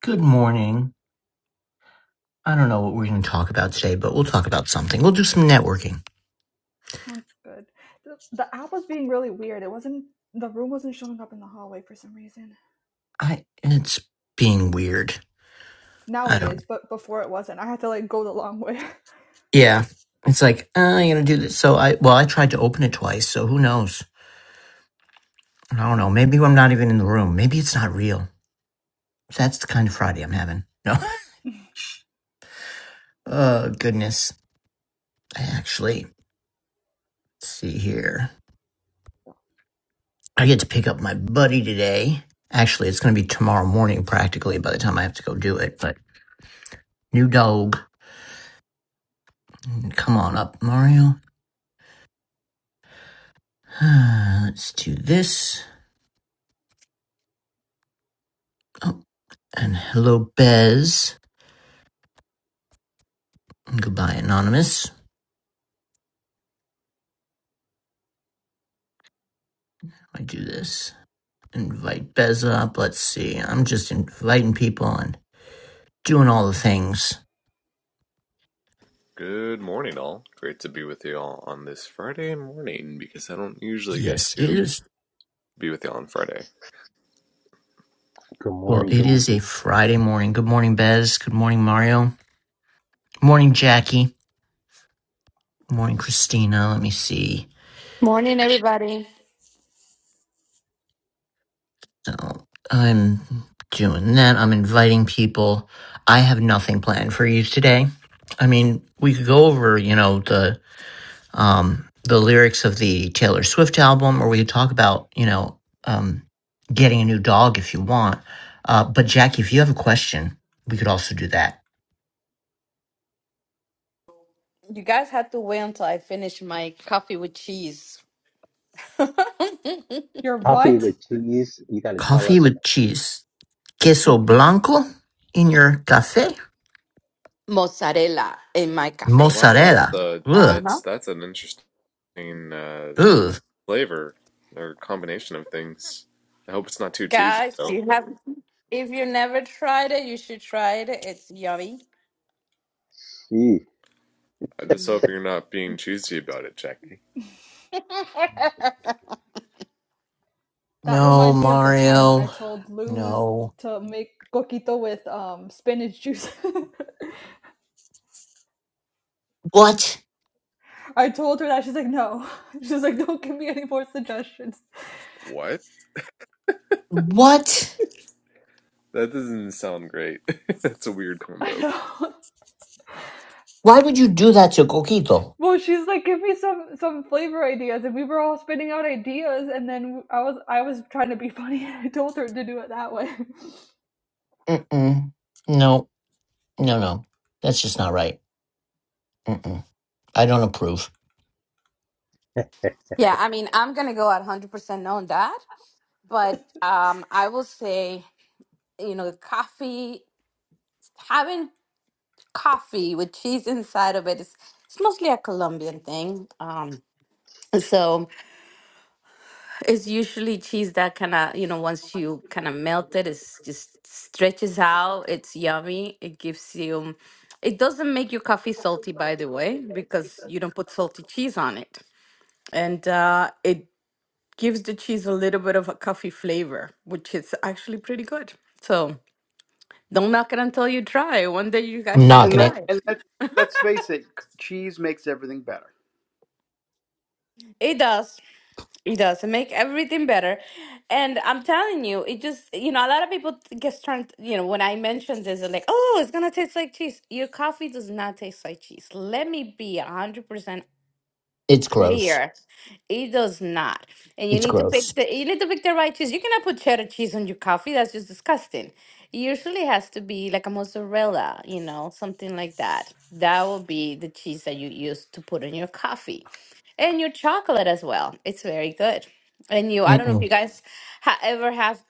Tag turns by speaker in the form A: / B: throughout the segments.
A: Good morning. I don't know what we're going to talk about today, but we'll talk about something. We'll do some networking.
B: Sounds good. The, the app was being really weird. It wasn't the room wasn't showing up in the hallway for some reason.
A: I it's being weird.
B: Now
A: I
B: it
A: don't.
B: is, but before it wasn't. I had to like go the long way.
A: Yeah, it's like uh, I'm going to do this. So I well, I tried to open it twice. So who knows? I don't know. Maybe I'm not even in the room. Maybe it's not real. That's the kind of Friday I'm having. No. Oh goodness. I actually let's see here. I get to pick up my buddy today. Actually, it's going to be tomorrow morning practically by the time I have to go do it. But new dog, come on up, Mario. Let's do this. Oh, and hello, Bez. Goodbye, Anonymous. I do this. Invite Bez up. Let's see. I'm just inviting people and doing all the things.
C: Good morning, all. Great to be with you all on this Friday morning because I don't usually get
A: Yes, it
C: to
A: is.
C: be with you all on Friday.
D: Good
A: Well,
D: morning. Good
A: it
D: morning.
A: is a Friday morning. Good morning, Bez. Good morning, Mario. Morning, Jackie. Morning, Christina. Let me see.
E: Morning, everybody.
A: So I'm doing that. I'm inviting people. I have nothing planned for you today. I mean, we could go over, you know, the um, the lyrics of the Taylor Swift album, or we could talk about, you know, um, getting a new dog if you want. Uh, but Jackie, if you have a question, we could also do that.
E: You guys have to wait until I finish my coffee with cheese,
B: You're
D: coffee
B: what?
D: with cheese. You got to tell
A: Coffee
D: us about.
A: with cheese, queso blanco in your cafe,
E: mozzarella in my cafe.
C: Wow,
E: Yes.
C: that's
A: mozzarella.
C: uh,
E: Uh
A: Ugh,
E: huh.
C: that's that's an interesting uh,
A: ugh.
C: flavor or combination of things. I hope it's not too cheesy
E: Guys, if
C: though.
E: you have, if you never tried it, you should try it. It's yummy.
D: Gee.
C: I just hope you're not being cheesy about it, Jackie.
B: that
A: No,
B: reminds me of the time when I
A: Mario.
B: told Luz
A: No.
B: to make coquito with um spinach juice.
A: What?
B: I told her that she's like, no. She's like, don't give me any more suggestions.
C: What?
A: What?
C: That doesn't sound great. that's a weird
B: I
C: combo.
B: know.
A: Why would you do that to Coquito?
B: Well, she's like, give me some some flavor ideas, and we were all spitting out ideas, and then I was I was trying to be funny, and I told her to do it that way.
A: Mm-mm. No, no, no. That's just not right. Mm-mm. I don't approve.
E: yeah, I mean, I'm gonna go at 100 percent on that, but um, I will say, you know, coffee, having coffee with cheese inside of it is it's mostly a Colombian thing. Um, so. It's usually cheese that kind of, you know, once you kind of melt it, it's just stretches out. It's yummy. It gives you, it doesn't make your coffee salty, by the way, because you don't put salty cheese on it. And uh, it gives the cheese a little bit of a coffee flavor, which is actually pretty good. So don't knock it until you try. One day you
A: I'm
E: guys should
F: And
A: knocking
F: let
A: it.
E: try it.
F: and let let's face it, cheese makes everything better.
E: It does. It does. It make everything better. And I'm telling you, it just, you know, a lot of people get turned, you know, when I mentioned this, they're like, oh, it's going to taste like cheese. Your coffee does not taste like cheese. Let me be 100%
A: It's gross.
E: clear. It does not. And you
A: It's
E: need to
A: gross.
E: pick the you need to pick the right cheese. You cannot put cheddar cheese on your coffee. That's just disgusting. It usually has to be like a mozzarella, you know, something like that. That will be the cheese that you use to put in your coffee. And your chocolate as well. It's very good. And you, I don't know if you
A: Mm-mm.
E: guys ha- ever have,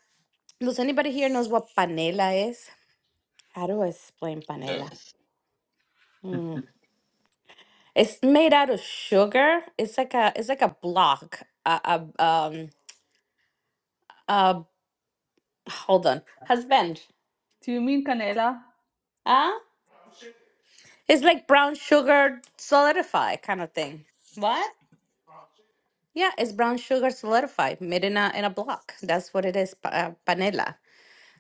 E: does anybody here knows what panela is? How do I explain
C: Yeah.
E: panela? Mm. It's made out of sugar. It's like a, it's like a block, a, a, um, uh hold on husband
B: Do you mean canela?
E: huh it's like brown sugar solidify kind of thing What? yeah it's brown sugar solidified made in a in a block that's what it is pa- uh, panela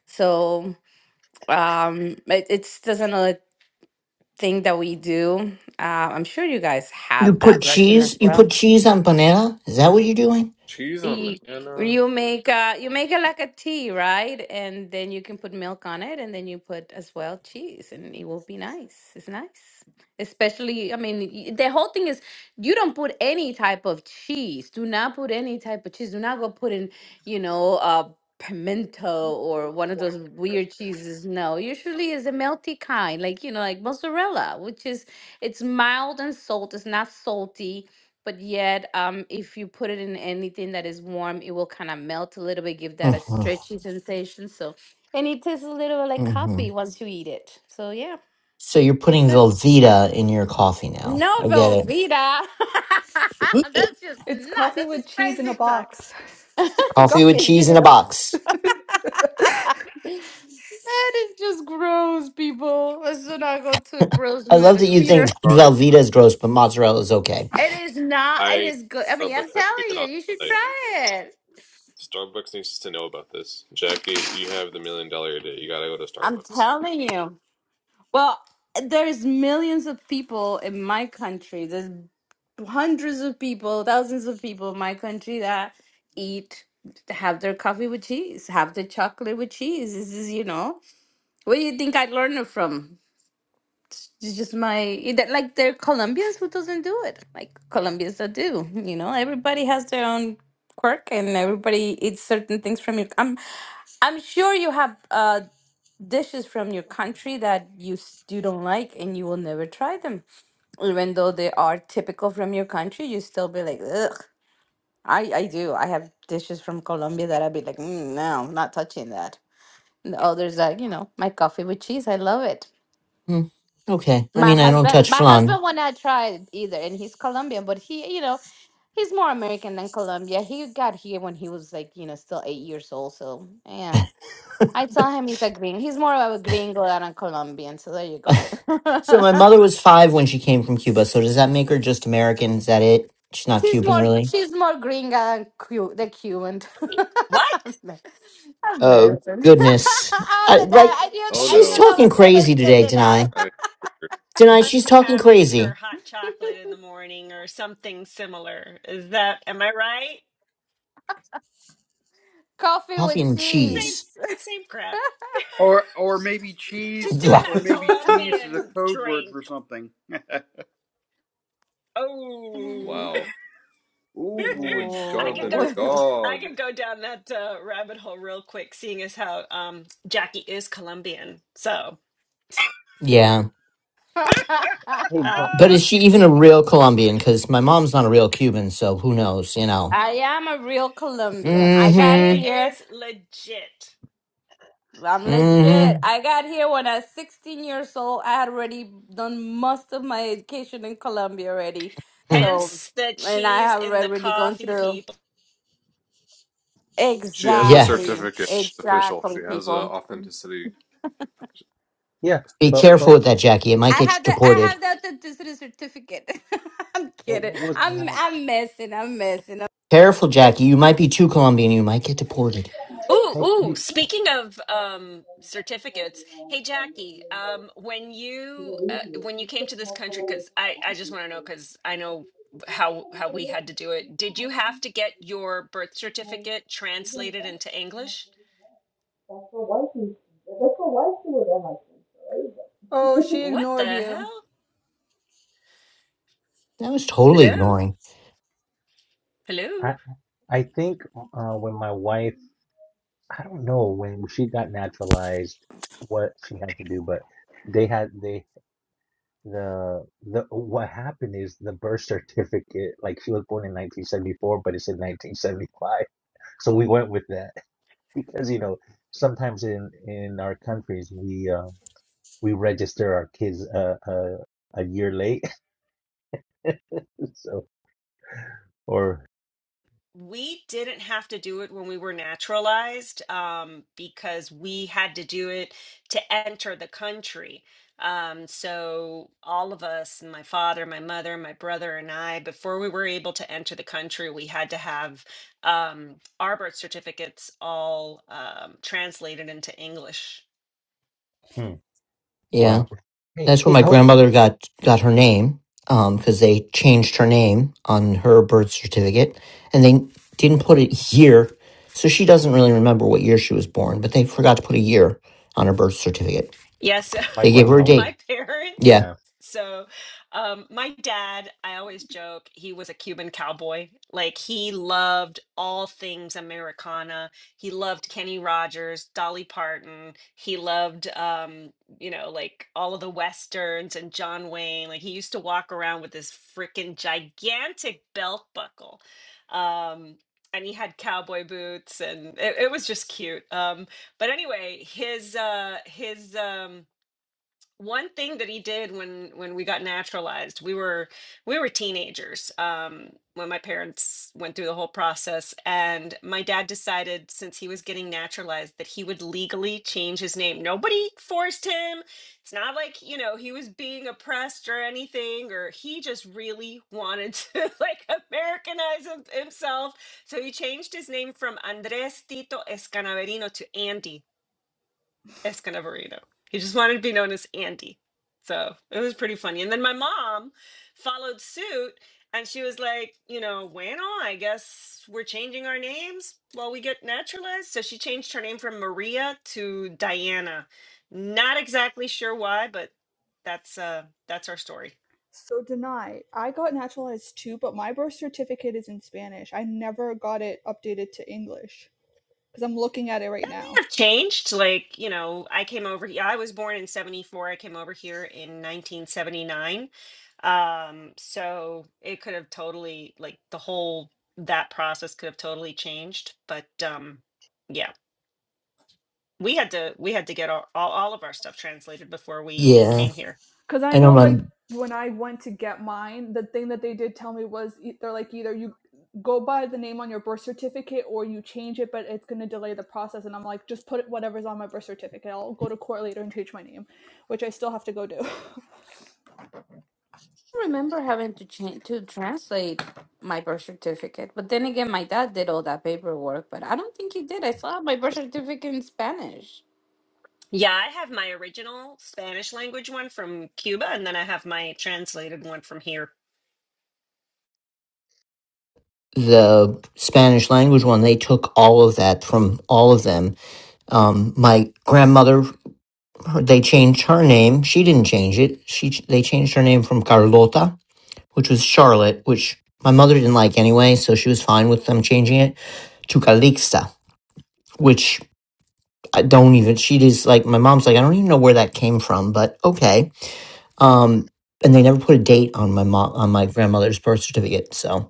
E: so um it, it's just another thing that we do uh, i'm sure you guys
A: You
E: have that
A: put
E: version.
A: cheese. You put cheese on banana. Is that what you're doing?
C: Cheese on
E: You,
C: banana.
E: you make uh you make it like a tea, right? And then you can put milk on it, and then you put as well cheese, and it will be nice. It's nice. Especially, I mean, y- the whole thing is you don't put any type of cheese. Do not put any type of cheese. Do not go put in, you know, uh pimento or one of those weird cheeses. No, usually is a melty kind, like you know, like mozzarella, which is it's mild and salt. It's not salty but yet um if you put it in anything that is warm it will kind of melt a little bit give that a
A: hmm
E: stretchy sensation so and it tastes a little like
A: hmm
E: coffee once you eat it so yeah
A: So you're
E: it's
A: putting
E: good
A: Velveeta in your coffee now.
E: no
A: I get
E: Velveeta
A: it.
E: that's just
B: It's
E: not
B: coffee
E: that's
B: with
E: just
B: cheese in a
E: crazy talk
B: box.
A: Coffee with
E: coffee juice
A: cheese in
E: in
A: a
E: a-
A: box.
E: that is just gross people let's not go to gross
A: I love
E: meter
A: that you think
E: meter.
C: Sorry,
A: Velveeta is gross, but mozzarella is okay.
E: it is not it
C: I
E: is good I mean I'm
C: Starbucks has to
E: telling
C: get
E: you
C: on.
E: you should
C: the site.
E: try it
C: Starbucks needs to know about this. Jackie, you have the million dollar idea. You gotta go to
E: I'm
C: Starbucks.
E: telling you. Well, there's millions of people in my country. There's hundreds of people, thousands of people in my country that eat, have their coffee with cheese, have their chocolate with cheese. This is, you know, where do you think I learned it from? It's just my that- like there are Colombians who doesn't do it, like Colombians that do. You know, everybody has their own quirk, and everybody eats certain things from your. I'm I'm sure you have. Uh, dishes from your country that you s- you don't like and you will never try them even though they are typical from your country you still be like ugh i i do i have dishes from colombia that i'd be like mm, no I'm not touching that and the others that you know my coffee with cheese i love it
A: Mm, Okay. I
E: my
A: mean, I don't
E: husband
A: touch
E: my
A: flan.
E: husband will not try it either and he's colombian but he you know he's more american than colombia he got here when he was like you know still eight years old so yeah I tell him he's a green. He's more of a gringo than a Colombian. So there you go.
A: so my mother was five when she came from Cuba. So does that make her just American? Is that it? She's not
E: she's
A: Cuban,
E: more
A: really.
E: she's more gringa than Cu- the Cuban.
G: What?
E: Amer-
A: Oh
E: American.
A: goodness!
E: I'll
A: I,
E: deny.
A: like
E: I knew
C: Oh
E: I
A: she's
E: knew
C: no.
E: that
A: talking
E: was gonna
A: crazy
E: get
A: today,
E: denied.
A: Denai.
C: I...
A: Denai,
G: Must
A: she's
G: be
A: talking
G: having her
A: crazy.
G: hot chocolate in the morning or something similar. Is that, am I right?
E: Coffee
A: Coffee
E: with
A: and
G: Same,
A: cheese.
E: cheese.
G: same crap.
F: Or or
G: She's
F: maybe
G: she's
F: cheese
G: doing
A: Yeah,
F: or
G: that
F: maybe cheese is a
G: Colombian
F: code word
G: drink.
F: for something.
G: Oh,
C: wow. Ooh,
G: I could
C: Jonathan,
G: go.
C: your
E: Whoa.
G: I
C: dog.
G: could go down that uh, rabbit hole real quick, seeing as how um, Jackie is Colombian. So
A: yeah.
D: Hey, but,
A: But
G: uh,
A: is she even a real Colombian? Because my mom's not a real Cuban, so who knows? You know.
E: I am a real Colombian. I got
G: she
A: Mm-hmm.
E: here
G: is legit.
E: I'm
A: Mm-hmm.
E: legit. I got here when I was 16 years old. I had already done most of my education in Colombia already.
A: Mm.
E: So,
G: Hence the
E: and I
G: cheese
E: have
G: in the
E: already gone
G: coffee,
E: through.
G: people.
C: She has a
A: Yeah.
E: Exactly.
C: certificate. It's official.
E: Exactly,
C: She has an
E: people.
C: authenticity
D: yeah,
A: Be
D: but
A: careful
D: but
C: certificate.
A: with that, Jackie. It might
E: I
A: get you
E: have the I
A: deported.
E: have the authenticity certificate. I'm
D: but
E: kidding.
D: what was
E: I'm
D: that?
E: I'm messing. I'm messing. Yeah,
A: Careful, Jackie. You might be too Colombian. You might get deported.
G: Ooh,
D: Hey, hey,
G: ooh, speaking of um certificates, hey Jackie, um when you uh, when you came to this country cuz I I just want to know cuz I know how how we had to do it. Did you have to get your birth certificate translated into English?
B: Oh, she
G: What
B: ignored
G: the
B: you.
G: hell?
A: That was totally
G: Hello?
A: ignoring.
G: Hello?
D: I I think uh, when my wife, I don't know when she got naturalized, what she had to do, but they had they the the what happened is the birth certificate. Like she was born in 1974, but it's in 1975. So we went with that because you know sometimes in in our countries we. uh, we register our kids uh, uh, a year late. so, or
G: we didn't have to do it when we were naturalized um, because we had to do it to enter the country. Um, so all of us, my father, my mother, my brother, and I, before we were able to enter the country, we had to have um, our birth certificates all um, translated into English.
D: hmm,
A: Yeah.
D: wow. Hey,
A: That's where
D: hey,
A: my
D: I was
A: grandmother got, got her name. Um, cause they changed her name on her birth certificate and they didn't put it year. So she doesn't really remember what year she was born, but they forgot to put a year on her birth certificate.
G: Yes.
D: my
A: They gave her a
D: grandma.
A: date.
G: my parents.
A: Yeah.
D: Yeah,
G: So, um, my dad, I always joke, he was a Cuban cowboy. Like, he loved all things Americana. He loved Kenny Rogers, Dolly Parton. He loved, um, you know, like all of the Westerns and John Wayne. Like, he used to walk around with this freaking gigantic belt buckle. Um, and he had cowboy boots, and it, it was just cute. Um, but anyway, his, uh, his, um, one thing that he did when when we got naturalized we were we were teenagers um when my parents went through the whole process and my dad decided since he was getting naturalized that he would legally change his name nobody forced him it's not like you know he was being oppressed or anything or he just really wanted to like americanize him- himself so he changed his name from andres tito escanaverino to andy Escanavarino. He just wanted to be known as Andy. So it was pretty funny. And then my mom followed suit and she was like, you know, bueno, I guess we're changing our names while we get naturalized. So she changed her name from Maria to Diana. Not exactly sure why, but that's uh that's our story.
B: So deny. I got naturalized too, but my birth certificate is in Spanish. I never got it updated to English because I'm looking at it right
G: That
B: now.
G: may have changed. Like, you know, I came over here. I was born in 74. I came over here in 1979. Um, so it could have totally, like, the whole that process could have totally changed. But um, yeah, we had to we had to get all, all all of our stuff translated before we even
A: Yeah.
G: came here.
B: Cause I
A: I know
B: know
A: my
B: like when I went to get mine, the thing that they did tell me was e- they're like either you go by the name on your birth certificate or you change it, but it's gonna delay the process. And I'm like, just put it whatever's on my birth certificate. I'll go to court later and change my name, which I still have to go do.
E: remember having to change to translate my birth certificate, but then again, my dad did all that paperwork, but I don't think he did. I saw my birth certificate in Spanish.
G: Yeah, I have my original Spanish language one from Cuba, and then I have my translated one from here.
A: the Spanish language one, they took all of that from all of them. Um, my grandmother, they changed her name. She didn't change it. She they changed her name from Carlota, which was Charlotte, which my mother didn't like anyway, so she was fine with them changing it to Calixta, which I don't even. She just like my mom's like I don't even know where that came from, but okay. Um, and they never put a date on my mom on my grandmother's birth certificate, so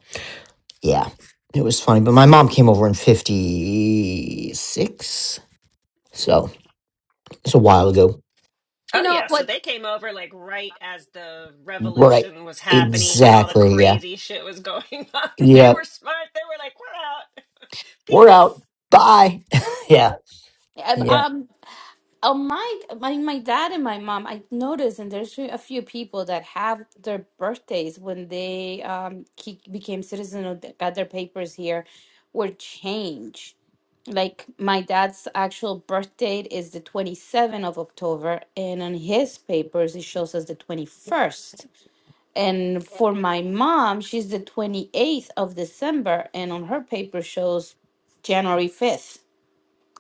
A: Yeah, it was funny. But my mom came over in 56. So it's a while ago.
E: You
G: Oh
E: know
G: yeah, so
E: what?
G: they came over like right as the
A: Right.
G: revolution was happening and all the
A: Exactly. Yeah.
G: crazy shit was going on. They were
A: Yep.
G: smart. They were like, "We're out,
A: We're
G: peace."
A: out. Bye.
G: Yeah,
A: yeah.
E: Um,
A: Yeah.
E: um, Oh my, my my dad and my mom. I noticed, and there's a few people that have their birthdays when they um ke- became citizen or th- got their papers here, were changed. Like my dad's actual birth date is the 27th of October, and on his papers it shows us the 21st. And for my mom, she's the 28th of December, and on her paper shows January 5th.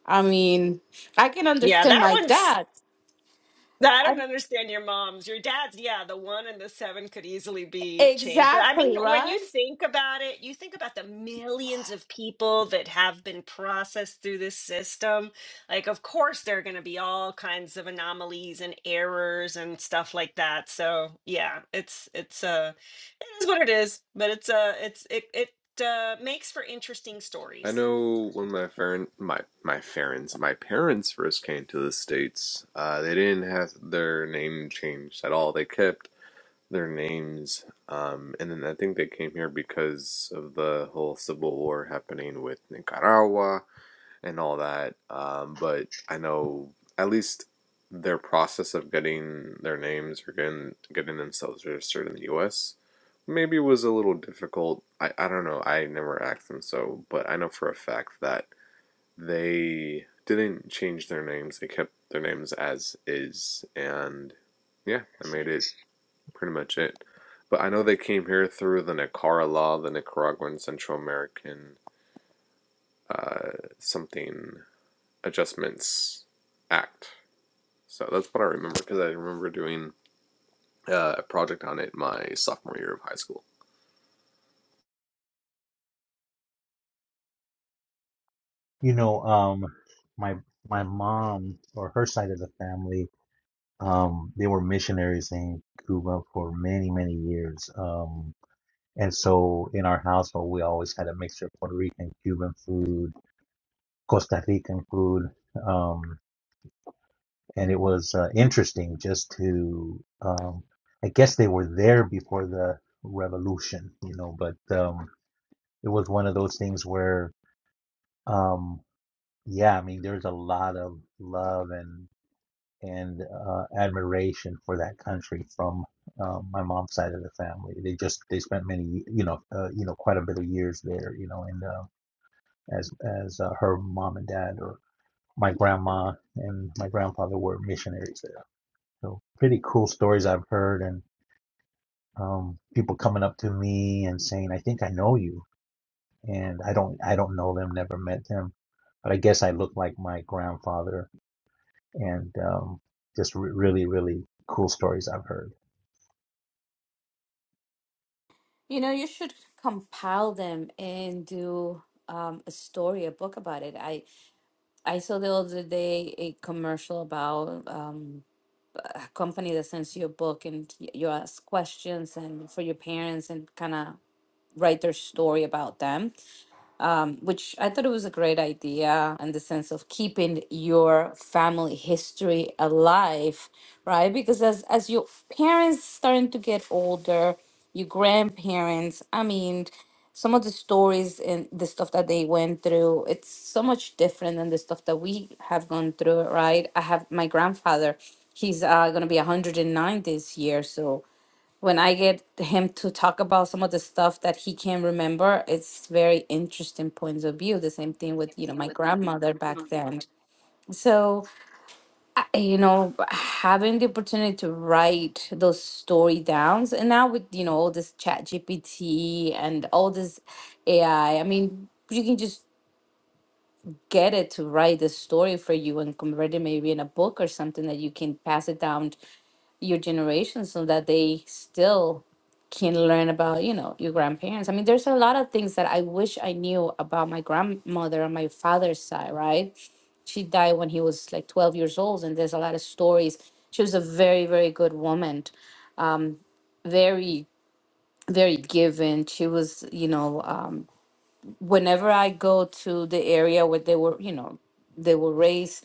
E: I mean, I can
G: yeah.
E: understand
G: That
E: my
G: one's
E: dad.
G: I don't
E: I-
G: understand your mom's. Your dad's, yeah, the one and the seven could easily be changed. But I mean,
E: Exactly,
G: when
E: right?
G: you think about it, you think about the millions of people that have been processed through this system. Like, of course, there are going to be all kinds of anomalies and errors and stuff like that. So, yeah, it's, it's, uh, it is what it is, but it's, uh, it's, it, it, uh, makes for interesting
C: I
G: stories.
C: know when my parent, my my parents, my parents first came to the states. Uh, they didn't have their name changed at all. They kept their names. Um, and then I think they came here because of the whole civil war happening with Nicaragua and all that. Um, but I know at least their process of getting their names or getting getting themselves registered in the U.S. maybe was a little difficult. I, I don't know. I never asked them so, but I know for a fact that they didn't change their names. They kept their names as is, and yeah, that made it pretty much it. But I know they came here through the Nicara law, the Nicaraguan Central American uh, something adjustments act. So that's what I remember because I remember doing uh, a project on it my sophomore year of high school.
D: you know, um, my my mom or her side of the family, um, they were missionaries in Cuba for many many years. Um, and so in our household, we always had a mixture of Puerto Rican, Cuban food, Costa Rican food. Um, and it was uh, interesting just to um, i guess they were there before the revolution you know but um, it was one of those things where um, yeah i mean there's a lot of love and and uh, admiration for that country from um, my mom's side of the family they just they spent many you know uh, you know quite a bit of years there you know and uh, as as uh, her mom and dad or my grandma and my grandfather were missionaries there So pretty cool stories I've heard and um, people coming up to me and saying, I think I know you. And I don't, I don't know them, never met them, but I guess I look like my grandfather and um, just re- really, really cool stories I've heard,
E: You know, you should compile them and do um, a story, a book about it. I I saw the other day a commercial about um, a company that sends you a book and y- you ask questions and for your parents and kind of write their story about them. um, which I thought it was a great idea in the sense of keeping your family history alive, right? Because as as your parents starting to get older, your grandparents, I mean, some of the stories and the stuff that they went through, it's so much different than the stuff that we have gone through, right? I have my grandfather, he's uh, gonna be 109 this year, so when I get him to talk about some of the stuff that he can remember, it's very interesting points of view. The same thing with, you know, my grandmother back then. So, I- you know, having the opportunity to write those story downs and now with, you know, all this chat GPT and all this AI, I I mean, you can just get it to write the story for you and convert it maybe in a book or something that you can pass it down your generation so that they still can learn about you know your grandparents i mean there's a lot of things that i wish i knew about my grandmother on my father's side right she died when he was like 12 years old and there's a lot of stories she was a very very good woman um, very very given she was you know um, whenever i go to the area where they were you know they were raised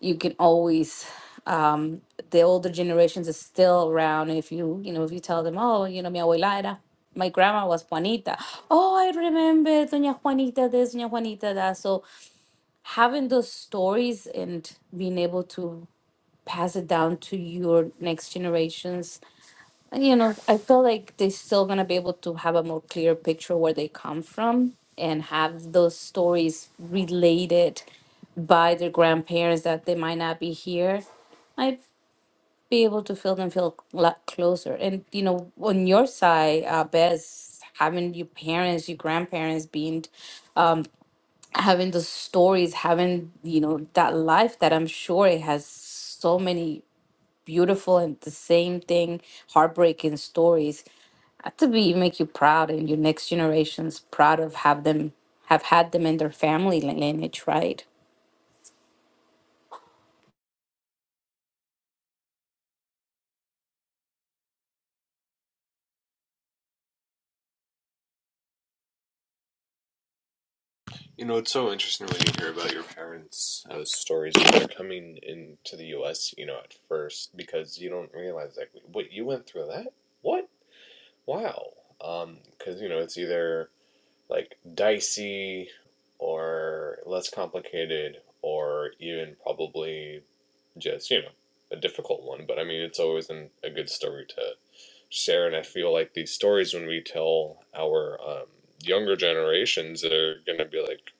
E: you can always um the older generations is still around if you you know if you tell them oh you know mi abuela era my grandma was Juanita. Oh, I remember Doña Juanita this, Doña Juanita that. So having those stories and being able to pass it down to your next generations you know, I feel like they're still gonna be able to have a more clear picture where they come from and have those stories related by their grandparents that they might not be here. I'd be able to feel them feel a lot closer. And you know, on your side, uh, Bez, having your parents, your grandparents being um, having those stories, having you know that life that I'm sure it has so many beautiful and the same thing heartbreaking stories to be make you proud and your next generations proud of have them have had them in their family lin- lineage right
C: You know, it's so interesting when you hear about your parents' uh, stories when they're coming into the U.S. You know, at first because you don't realize like, wait, you went through that? What? Wow. Um, Because you know, it's either like dicey or less complicated or even probably just, you know, a difficult one. But I mean, it's always an, a good story to share. And I feel like these stories, when we tell our um, younger generations, they're going to be like,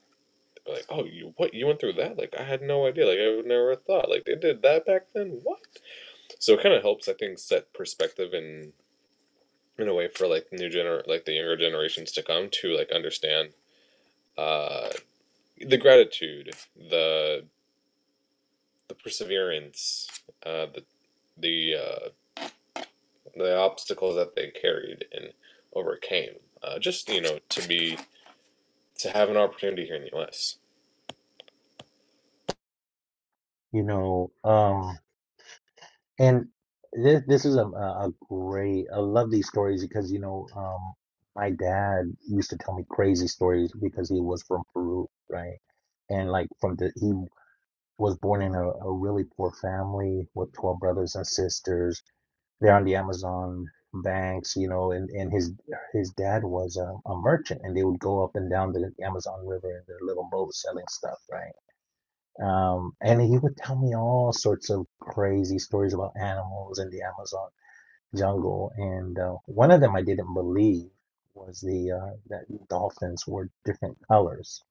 C: like, oh, you what you went through that? Like, I had no idea. Like, I would never thought. Like, they did that back then. What? So it kind of helps, I think, set perspective and in a way for like new gener like the younger generations to come to like understand. Uh, the gratitude, the the perseverance, uh, the the uh, the obstacles that they carried and overcame. Uh, just you know, to be to have an opportunity here in the U.S.
D: you know, um, and this, this is a, a a great, I love these stories because, you know, um, my dad used to tell me crazy stories because he was from Peru, right? And like from the, he was born in a, a really poor family with 12 brothers and sisters. They're on the Amazon banks, you know, and, and his his dad was a, a merchant and they would go up and down the Amazon River in their little boat selling stuff, right? Um, and he would tell me all sorts of crazy stories about animals in the Amazon jungle. And uh, one of them I didn't believe was the uh, that dolphins were different colors.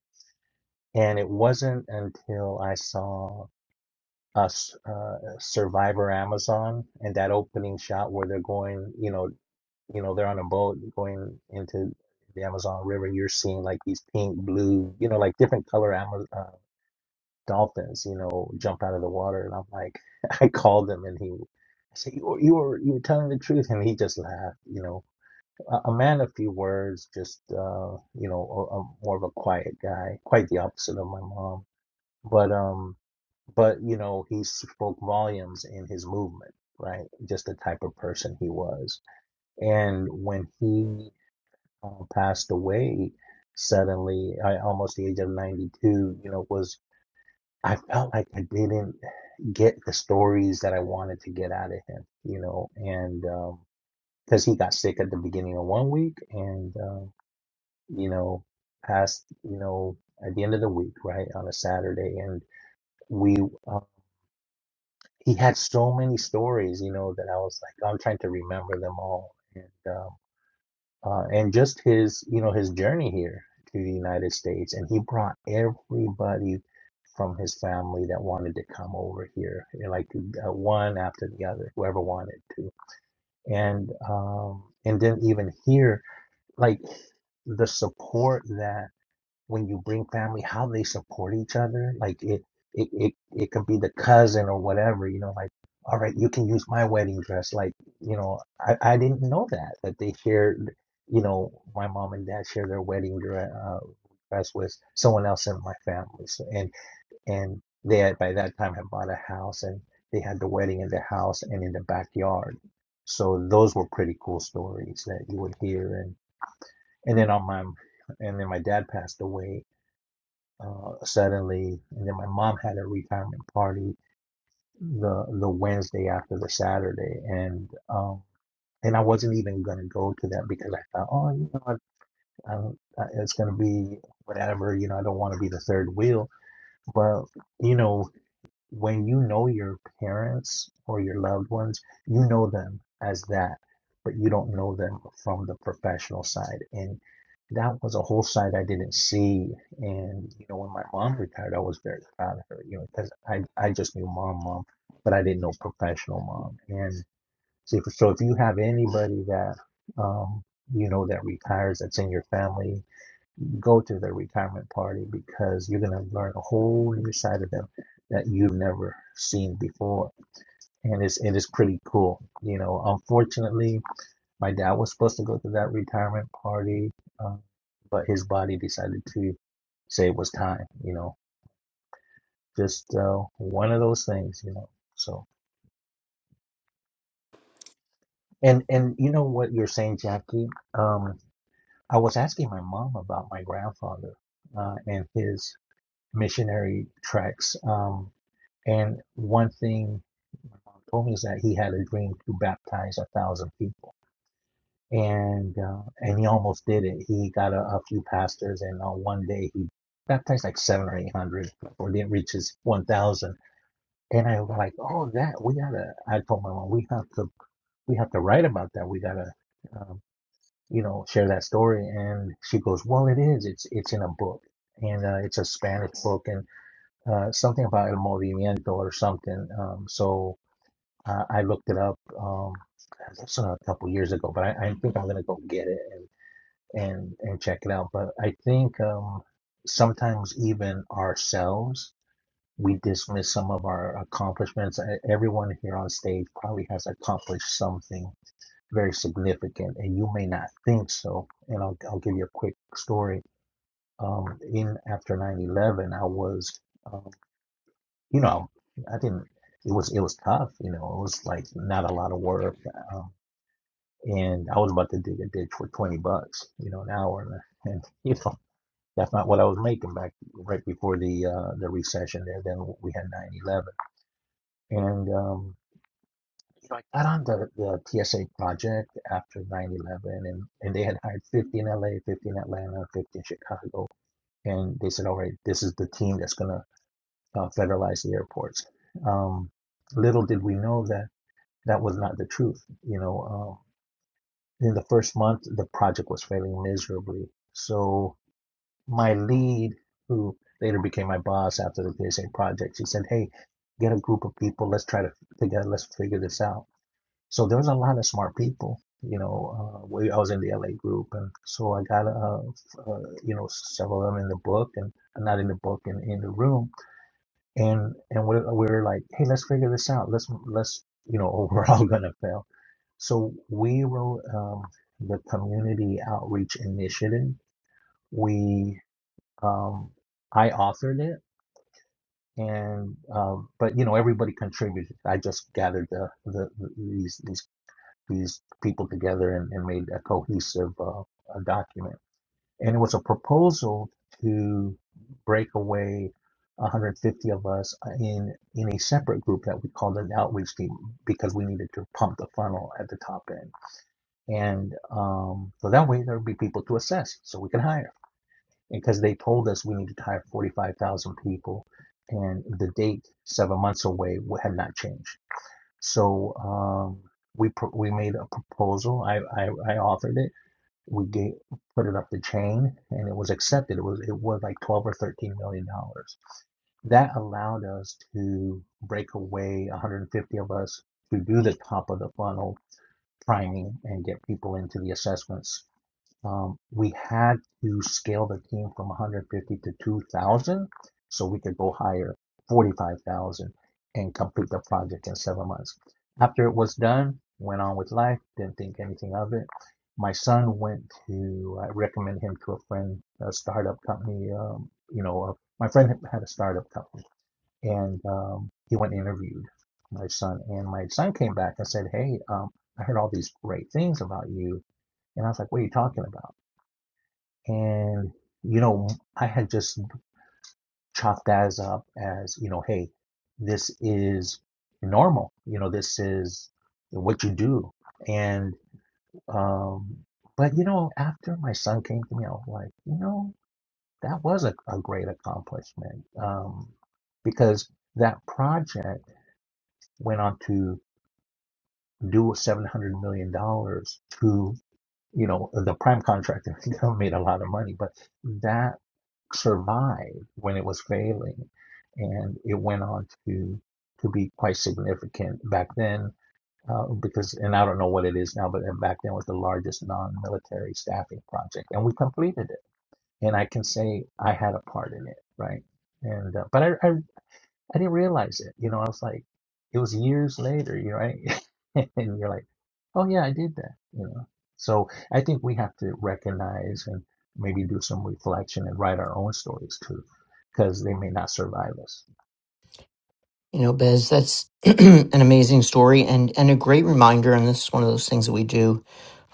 D: And it wasn't until I saw us uh, Survivor Amazon and that opening shot where they're going, you know, you know, they're on a boat going into the Amazon River. You're seeing like these pink, blue, you know, like different color Amazon uh, dolphins, you know, jump out of the water. And I'm like, I called him and he I said, you were, you were, you were telling the truth. And he just laughed, you know, a, a man of few words, just, uh, you know, a, a, more of a quiet guy, quite the opposite of my mom. But, um but you know he spoke volumes in his movement right just the type of person he was and when he uh, passed away suddenly i almost the age of 92 you know was i felt like i didn't get the stories that i wanted to get out of him you know and because um, he got sick at the beginning of one week and uh, you know passed you know at the end of the week right on a saturday and we uh, he had so many stories, you know, that I was like, I'm trying to remember them all, and um, uh, and just his, you know, his journey here to the United States, and he brought everybody from his family that wanted to come over here, you know, like uh, one after the other, whoever wanted to, and um, and then even here, like the support that when you bring family, how they support each other. Like it, it, it, it could be the cousin or whatever, you know, like, all right, you can use my wedding dress. Like, you know, I, I didn't know that, that they shared, you know, my mom and dad share their wedding dress, uh, dress with someone else in my family. So, and, and they had, by that time had bought a house and they had the wedding in the house and in the backyard. So those were pretty cool stories that you would hear. And, and then on my, and then my dad passed away uh, suddenly. And then my mom had a retirement party the the Wednesday after the Saturday, and um, and I wasn't even gonna go to that because I thought, oh, you know, I, I, it's gonna be whatever, you know, I don't want to be the third wheel, but you know, when you know your parents or your loved ones, you know them as that, but you don't know them from the professional side. And that was a whole side I didn't see. And you know, when my mom retired, I was very proud of her, you know, because I I just knew mom, mom, but I didn't know professional mom. And so, if- so if you have anybody that um, you know that retires that's in your family, go to their retirement party because you're going to learn a whole new side of them that you've never seen before and it's it is pretty cool you know unfortunately my dad was supposed to go to that retirement party um, but his body decided to say it was time you know just uh, one of those things you know so and and you know what you're saying jackie um i was asking my mom about my grandfather uh, and his missionary tracks. Um, And one thing my mom told me is that he had a dream to baptize a thousand people, and uh, and he almost did it. He got a, a few pastors, and on one day he baptized like seven or eight hundred, or didn't reach his one thousand. And I was like, oh, that we gotta. I told my mom we have to we have to write about that. We gotta. Um, you know, share that story, and she goes, "Well, it is. It's it's in a book, and uh, it's a Spanish book, and uh, something about el movimiento or something." Um, so uh, I looked it up. Um, I saw a couple years ago, but I, I think I'm gonna go get it and, and and check it out. But I think um, sometimes even ourselves we dismiss some of our accomplishments. E- Everyone here on stage probably has accomplished something very significant, and you may not think so. And I'll I'll give you a quick story. Um, in after 9/11, I was, um, you know, I didn't. It was it was tough, you know. It was like not a lot of work. um, and I was about to dig a ditch for 20 bucks, you know, an hour. And, and you know, that's not what I was making back right before the uh, the recession there. Then we had nine eleven, and um, I got on the, the TSA project after nine eleven, and and they had hired 50 in LA, 50 in Atlanta, 50 in Chicago, and they said, all right, this is the team that's gonna uh, federalize the airports. Um, little did we know that that was not the truth, you know. um, in the first month, the project was failing miserably. So my lead, who later became my boss after the PSA project, she said, "Hey, get a group of people. Let's try to together. Let's figure this out." So there was a lot of smart people. You know, uh, we, I was in the LA group, and so I got uh, uh, you know several of them in the book, and not in the book, in, in the room, and and we we're, we're like, "Hey, let's figure this out. Let's let's." You know, we're all gonna fail so we wrote um, the community outreach initiative. We um, I authored it, and um, but you know everybody contributed. I just gathered the, the, the these these these people together and, and made a cohesive uh, a document. And it was a proposal to break away 150 of us in in a separate group that we called an outreach team because we needed to pump the funnel at the top end. And um, so that way there will be people to assess so we can hire. Because they told us we needed to hire 45,000 people and the date seven months away had not changed. So um, we pro- we made a proposal. I, I, I authored it. We gave, put it up the chain and it was accepted. It was it was like 12 or 13 million dollars. That allowed us to break away 150 of us to do the top of the funnel priming and get people into the assessments um, we had to scale the team from 150 to 2,000 so we could go hire 45,000 and complete the project in seven months. After it was done, went on with life, didn't think anything of it. My son went to, I recommend him to a friend, a startup company. Um, you know, uh, my friend had a startup company and um, he went and interviewed my son. And my son came back and said, Hey, um, I heard all these great things about you. And I was like, What are you talking about? And, you know, I had just chopped that up as, you know, hey, this is normal. You know, this is what you do. And, um, but, you know, after my son came to me, I was like, you know, that was a, a great accomplishment. Um, because that project went on to do $700 million dollars to. you know, the prime contractor made a lot of money, but that survived when it was failing, and it went on to to be quite significant back then. Uh, because, and I don't know what it is now, but back then was the largest non-military staffing project, and we completed it. And I can say I had a part in it, right? And uh, but I, I I didn't realize it. You know, I was like, it was years later, you know, right? and you're like, oh yeah, I did that, you know. So I think we have to recognize and maybe do some reflection and write our own stories too, because they may not survive us.
A: You know, Bez, that's an amazing story and, and a great reminder. And this is one of those things that we do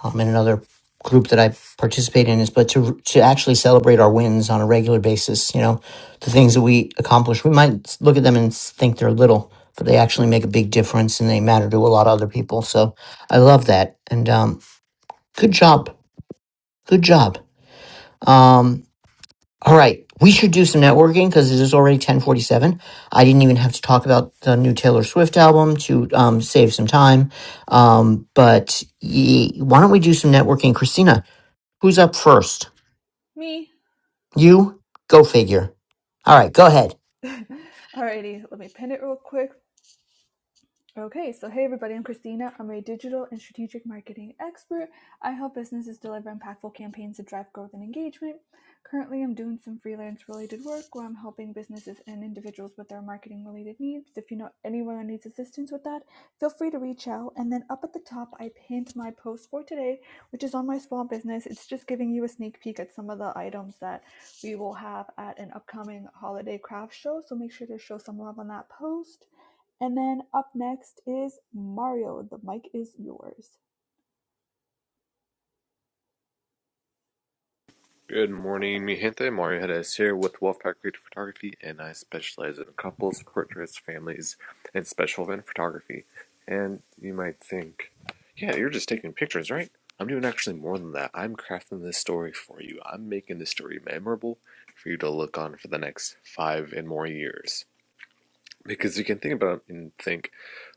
A: um, in another group that I participate in is, but to, to actually celebrate our wins on a regular basis, you know, the things that we accomplish, we might look at them and think they're little, but they actually make a big difference and they matter to a lot of other people. So I love that. And um, good job. Good job. Um, all right, we should do some networking because it is already 1047. I didn't even have to talk about the new Taylor Swift album to um, save some time. Um, but ye, why don't we do some networking? Christina, who's up first?
B: me.
A: You? Go figure. All right, go ahead.
B: Alrighty, let me pin it real quick. Okay, so hey everybody, I'm Christina. I'm a digital and strategic marketing expert. I help businesses deliver impactful campaigns to drive growth and engagement. Currently, I'm doing some freelance related work where I'm helping businesses and individuals with their marketing related needs. If you know anyone who needs assistance with that, feel free to reach out. And then up at the top, I pinned my post for today, which is on my small business. It's just giving you a sneak peek at some of the items that we will have at an upcoming holiday craft show. So make sure to show some love on that post. And then up next is Mario. The mic is yours.
C: Good morning, mi gente. Mario Hedes here with Wolfpack Creative Photography, and I specialize in couples, portraits, families, and special event photography. And you might think, yeah, you're just taking pictures, right? I'm doing actually more than that. I'm crafting this story for you. I'm making this story memorable for you to look on for the next five and more years. Because you can think about it and think,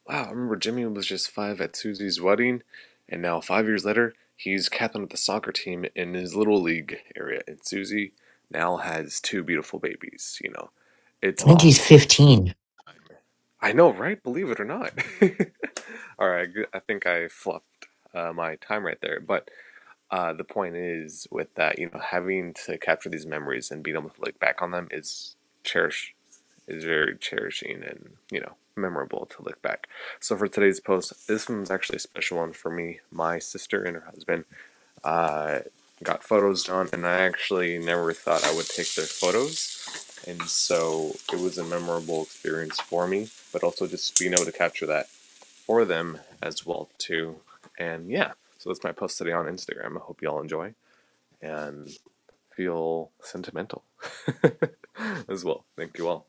C: wow, I remember Jimmy was just five at Susie's wedding, and now five years later, he's captain of the soccer team in his little league area. And Susie now has two beautiful babies, you know.
A: I
C: It's
A: think he's
C: awesome.
A: 15.
C: I know, right? Believe it or not. All right, I think I fluffed uh, my time right there. But uh, the point is with that, you know, having to capture these memories and being able to look back on them is cherish is very cherishing and you know memorable to look back so for today's post this one's actually a special one for me my sister and her husband uh, got photos done and i actually never thought i would take their photos and so it was a memorable experience for me but also just being able to capture that for them as well too and yeah so that's my post today on instagram i hope you all enjoy and feel sentimental as well thank you all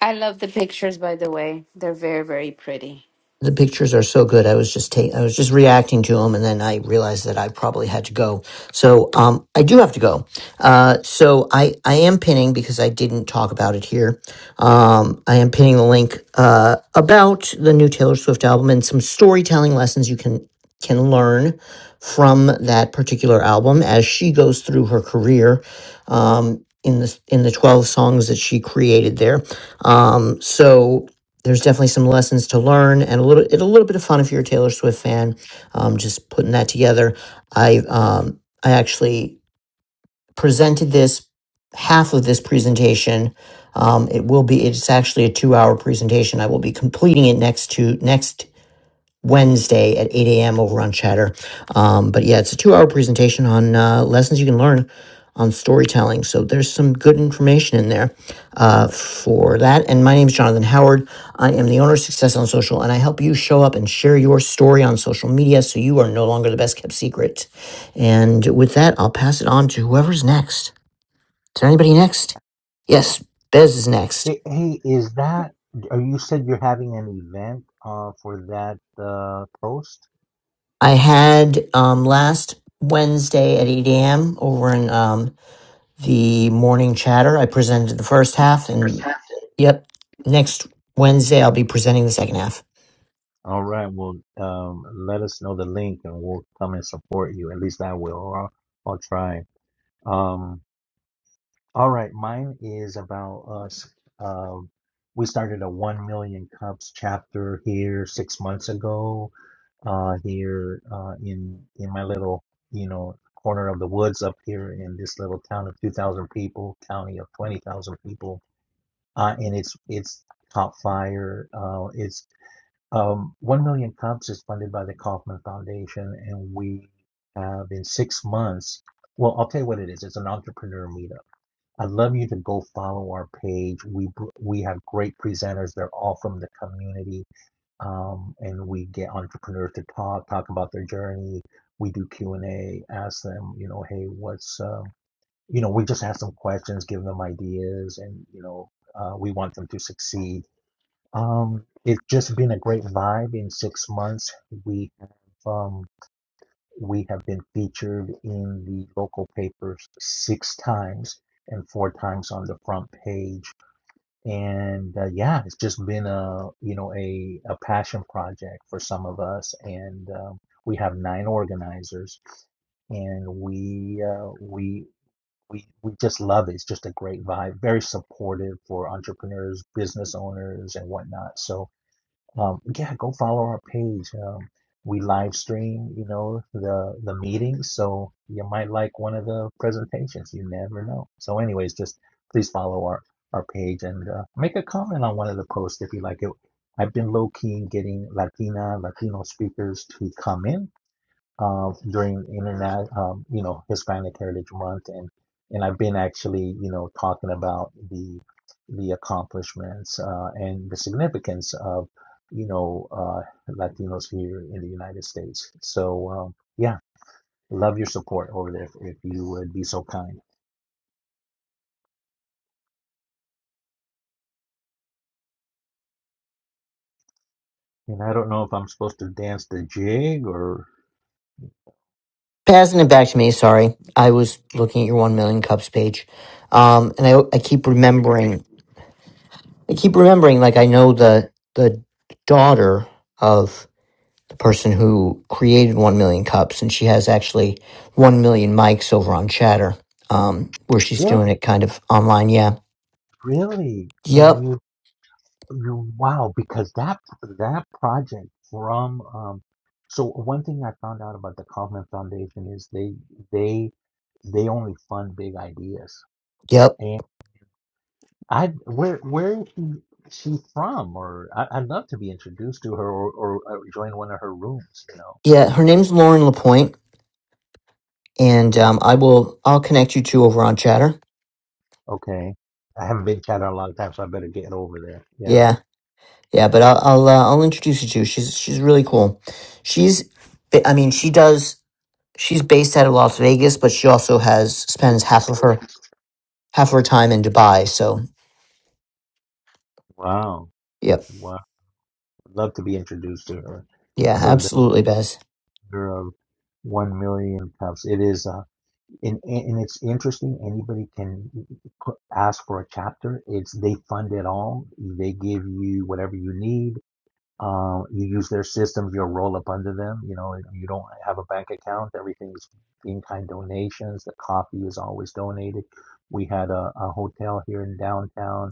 E: i love the pictures by the way they're very very pretty
A: The pictures are so good. I was just ta- I was just reacting to them, and then I realized that I probably had to go. So um, I do have to go. Uh, so I I am pinning because I didn't talk about it here. Um, I am pinning the link uh, about the new Taylor Swift album and some storytelling lessons you can can learn from that particular album as she goes through her career. Um, in the in the twelve songs that she created there, um, so there's definitely some lessons to learn and a little it a little bit of fun if you're a Taylor Swift fan. Um, just putting that together. I um, I actually presented this half of this presentation. Um, it will be it's actually a two hour presentation. I will be completing it next to next Wednesday at 8 a.m. over on Chatter. Um, but yeah, it's a two hour presentation on uh, lessons you can learn on storytelling. So there's some good information in there uh, for that. And my name is Jonathan Howard. I am the owner of Success on Social, and I help you show up and share your story on social media so you are no longer the best kept secret. And with that, I'll pass it on to whoever's next. Is there anybody next? Yes, Bez is next.
D: Hey, hey, is that? Are you said you're having an event uh, for that uh, post?
A: I had um, last Wednesday at 8 a.m. over in um, the morning chatter. I presented the first half, and yep, next Wednesday I'll be presenting the second half.
D: All right. Well, um, let us know the link, and we'll come and support you. At least I will. Or I'll, I'll try. Um, All right, mine is about us. Um, we started a 1 million cups chapter here six months ago, uh, here uh, in in my little, you know, corner of the woods up here in this little town of 2,000 people, county of 20,000 people, uh, and it's it's caught fire. Uh, it's um, 1 million cups is funded by the Kauffman Foundation, and we have in six months. Well, I'll tell you what it is. It's an entrepreneur meetup I'd love you to go follow our page. We we have great presenters. They're all from the community, um, and we get entrepreneurs to talk talk about their journey. We do Q and A. Ask them, you know, hey, what's um, you know, we just have some questions, give them ideas, and you know, uh, we want them to succeed. Um, it's just been a great vibe in six months. We have. um, we have been featured in the local papers six times and four times on the front page. And uh, yeah, it's just been a, you know, a, a passion project for some of us. And um, we have nine organizers and we, uh, we, we, we just love it. It's just a great vibe, very supportive for entrepreneurs, business owners, and whatnot. So, um, yeah, go follow our page. Um, we live stream, you know, the the meetings, so you might like one of the presentations. You never know. So, anyways, just please follow our our page and uh, make a comment on one of the posts if you like it. I've been low key getting Latina, Latino speakers to come in uh, during internet, um, you know, Hispanic Heritage Month, and and I've been actually, you know, talking about the the accomplishments uh, and the significance of, you know, uh, Latinos here in the United States. So um, yeah, love your support over there if you would be so kind. And I don't know if I'm supposed to dance the jig or
A: Passing it back to me. Sorry, I was looking at your one million cups page, um, and I I keep remembering. I keep remembering, like I know the the daughter of the person who created one million cups, and she has actually one million mics over on Chatter, um, where she's
D: really,
A: doing it kind of online. Yeah.
D: really.
A: Yep.
D: Can you? Wow, because that that project from um, so one thing I found out about the Kauffman Foundation is they they they only fund big ideas.
A: Yep.
D: And I where where is she she from? Or I, I'd love to be introduced to her or, or, uh join one of her rooms. You know?
A: Yeah. Her name's Lauren Lapointe and
D: Mar-
A: um, I will I'll connect you two over on Chatter.
D: Okay, I haven't been chatting a lot of time, so I better get over there. Yeah.
A: Yeah, yeah, but I'll I'll, uh, I'll introduce you to. She's she's really cool. She's I mean she does she's based out of Las Vegas, but she also has spends half of her half of her time in Dubai. So
D: Wow.
A: yep,
D: Wow. I'd love to be introduced to her.
A: yeah,
D: So the
A: absolutely, Bez.
D: founder of One Million Cups. It is. uh, and, and it's interesting anybody can put, ask for a chapter it's they fund it all they give you whatever you need um, you use their systems you'll roll up under them you know you don't have a bank account everything's in-kind donations the coffee is always donated we had a, a hotel here in downtown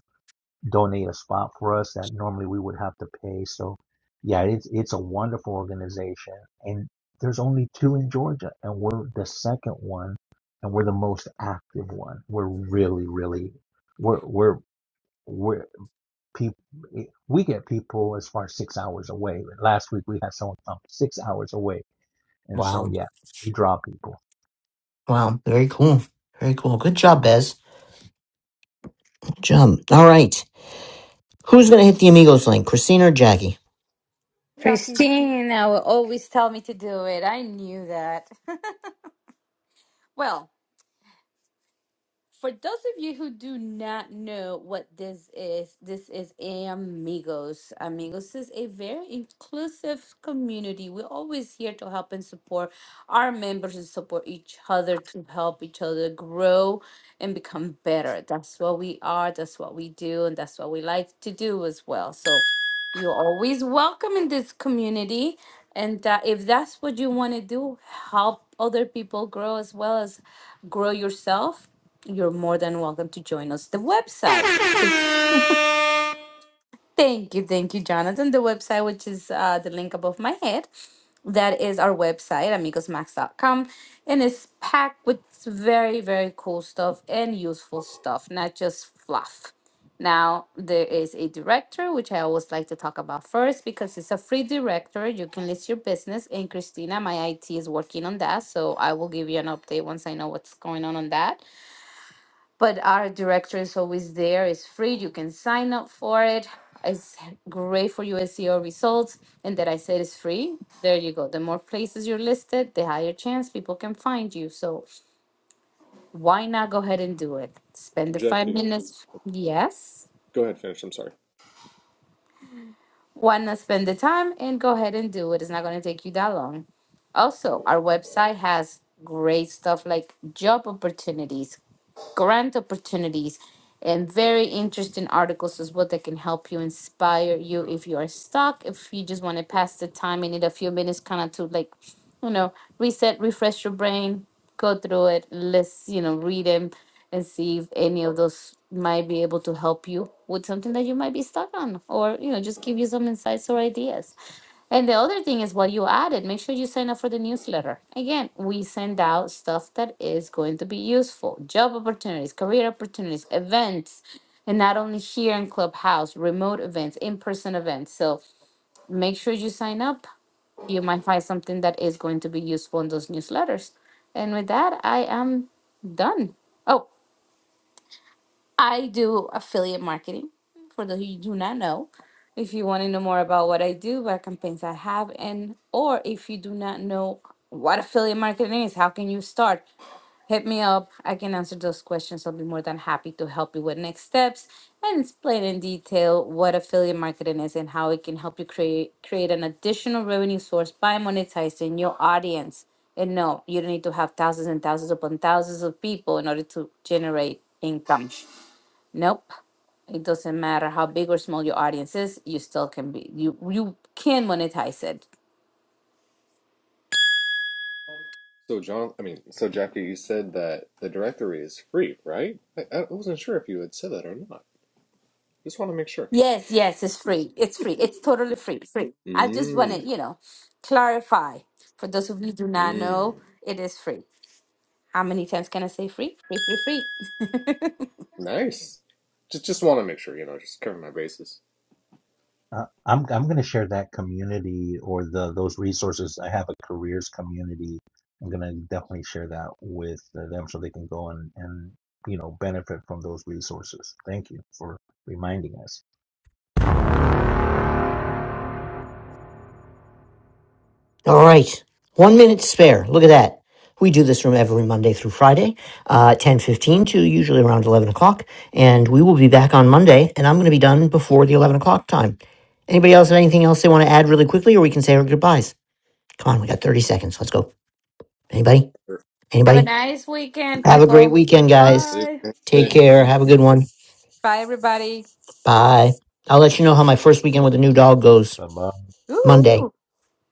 D: donate a spot for us that normally we would have to pay. So, yeah, it's it's a wonderful organization, and there's only two in Georgia, and we're the second one, and we're the most active one. We're really, really, we're we're we're people. We get people as far as six hours away. Last week we had someone come six hours away, and so
A: Wow,
D: yeah, we draw people.
A: wow, very cool, very cool. Good job, Bez. Good job. All right, who's gonna hit the Amigos link, Christina or Jackie?
B: Jackie.
E: christina will always tell me to do it i knew that well For those of you who do not know what this is, this is Amigos. Amigos is a very inclusive community. We're always here to help and support our members and support each other to help each other grow and become better. That's what we are, that's what we do, and that's what we like to do as well. So you're always welcome in this community. And uh, if that's what you want to do, help other people grow as well as grow yourself, you're more than welcome to join us. The website. Thank you, thank you, Jonathan. The website, which is uh, the link above my head, that is our website, amigosmax.com, and it's packed with very, very cool stuff and useful stuff, not just fluff. Now, there is a director, which I always like to talk about first because it's a free director. You can list your business. And Christina, my IT, is working on that. So I will give you an update once I know what's going on on that. but our directory is always there. It's free. You can sign up for it. It's great for your SEO results. And that I said is free. There you go. The more places you're listed, the higher chance people can find you. So why not go ahead and do it? Spend the five
C: Jackie.
E: minutes. Yes.
C: Go ahead, finish. I'm sorry.
E: Why not spend the time and go ahead and do it? It's not going to take you that long. Also, our website has great stuff like job opportunities. grant opportunities and very interesting articles as well that can help you inspire you if you are stuck if you just want to pass the time and need a few minutes kind of to like you know reset refresh your brain go through it let's you know read them and see if any of those might be able to help you with something that you might be stuck on or you know just give you some insights or ideas and the other thing is what you added. Make sure you sign up for the newsletter. Again, we send out stuff that is going to be useful job opportunities, career opportunities, events, and not only here in Clubhouse, remote events, in person events. So make sure you sign up. You might find something that is going to be useful in those newsletters. And with that, I am done. Oh. I do affiliate marketing. For those who do not know, if you want to know more about what I do, what campaigns I have, and or if you do not know what affiliate marketing is, how can you start? Hit me up. I can answer those questions. I'll be more than happy to help you with next steps and explain in detail what affiliate marketing is and how it can help you create create an additional revenue source by monetizing your audience. And no, you don't need to have thousands and thousands upon thousands of people in order to generate income. Nope. It doesn't matter how big or small your audience is, you still can be you you can monetize it.
C: So John, I mean, so Jackie, you said that the directory is free, right? I, I wasn't sure if you had said that or not. Just want to make sure.
E: Yes, yes, it's free. It's free. It's totally free. Free. I just want to,
C: Mm,
E: you know, clarify for those of you who do not
C: mm,
E: know, it is free. How many times can I say free? Free, free, free.
C: nice. Just just want to make sure, you know, just cover my bases.
D: Uh, I'm I'm going to share that community or the those resources. I have a careers community. I'm going to definitely share that with them so they can go and and you know benefit from those resources. Thank you for reminding us.
A: All right. One minute spare. Look at that. We do this room every Monday through Friday, uh, 10 fifteen to usually around 11 o'clock. And we will be back on Monday, and I'm going to be done before the 11 o'clock time. Anybody else have anything else they want to add really quickly, or we can say our goodbyes? Come on, we got 30 seconds. Let's go. Anybody?
E: Have a
A: Anybody?
E: nice weekend,
A: Have a great
E: people.
A: weekend, guys.
B: Bye.
C: Sure.
A: Take care. Have a good one.
E: Bye, everybody.
A: Bye. I'll let you know how my first weekend with the new dog goes
D: Bye bye.
A: Monday.
E: Woohoo!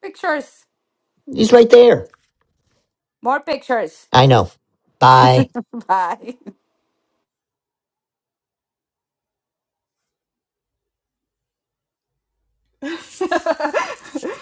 E: Pictures.
A: He's right there.
E: More pictures.
A: I know. Bye.
E: Bye.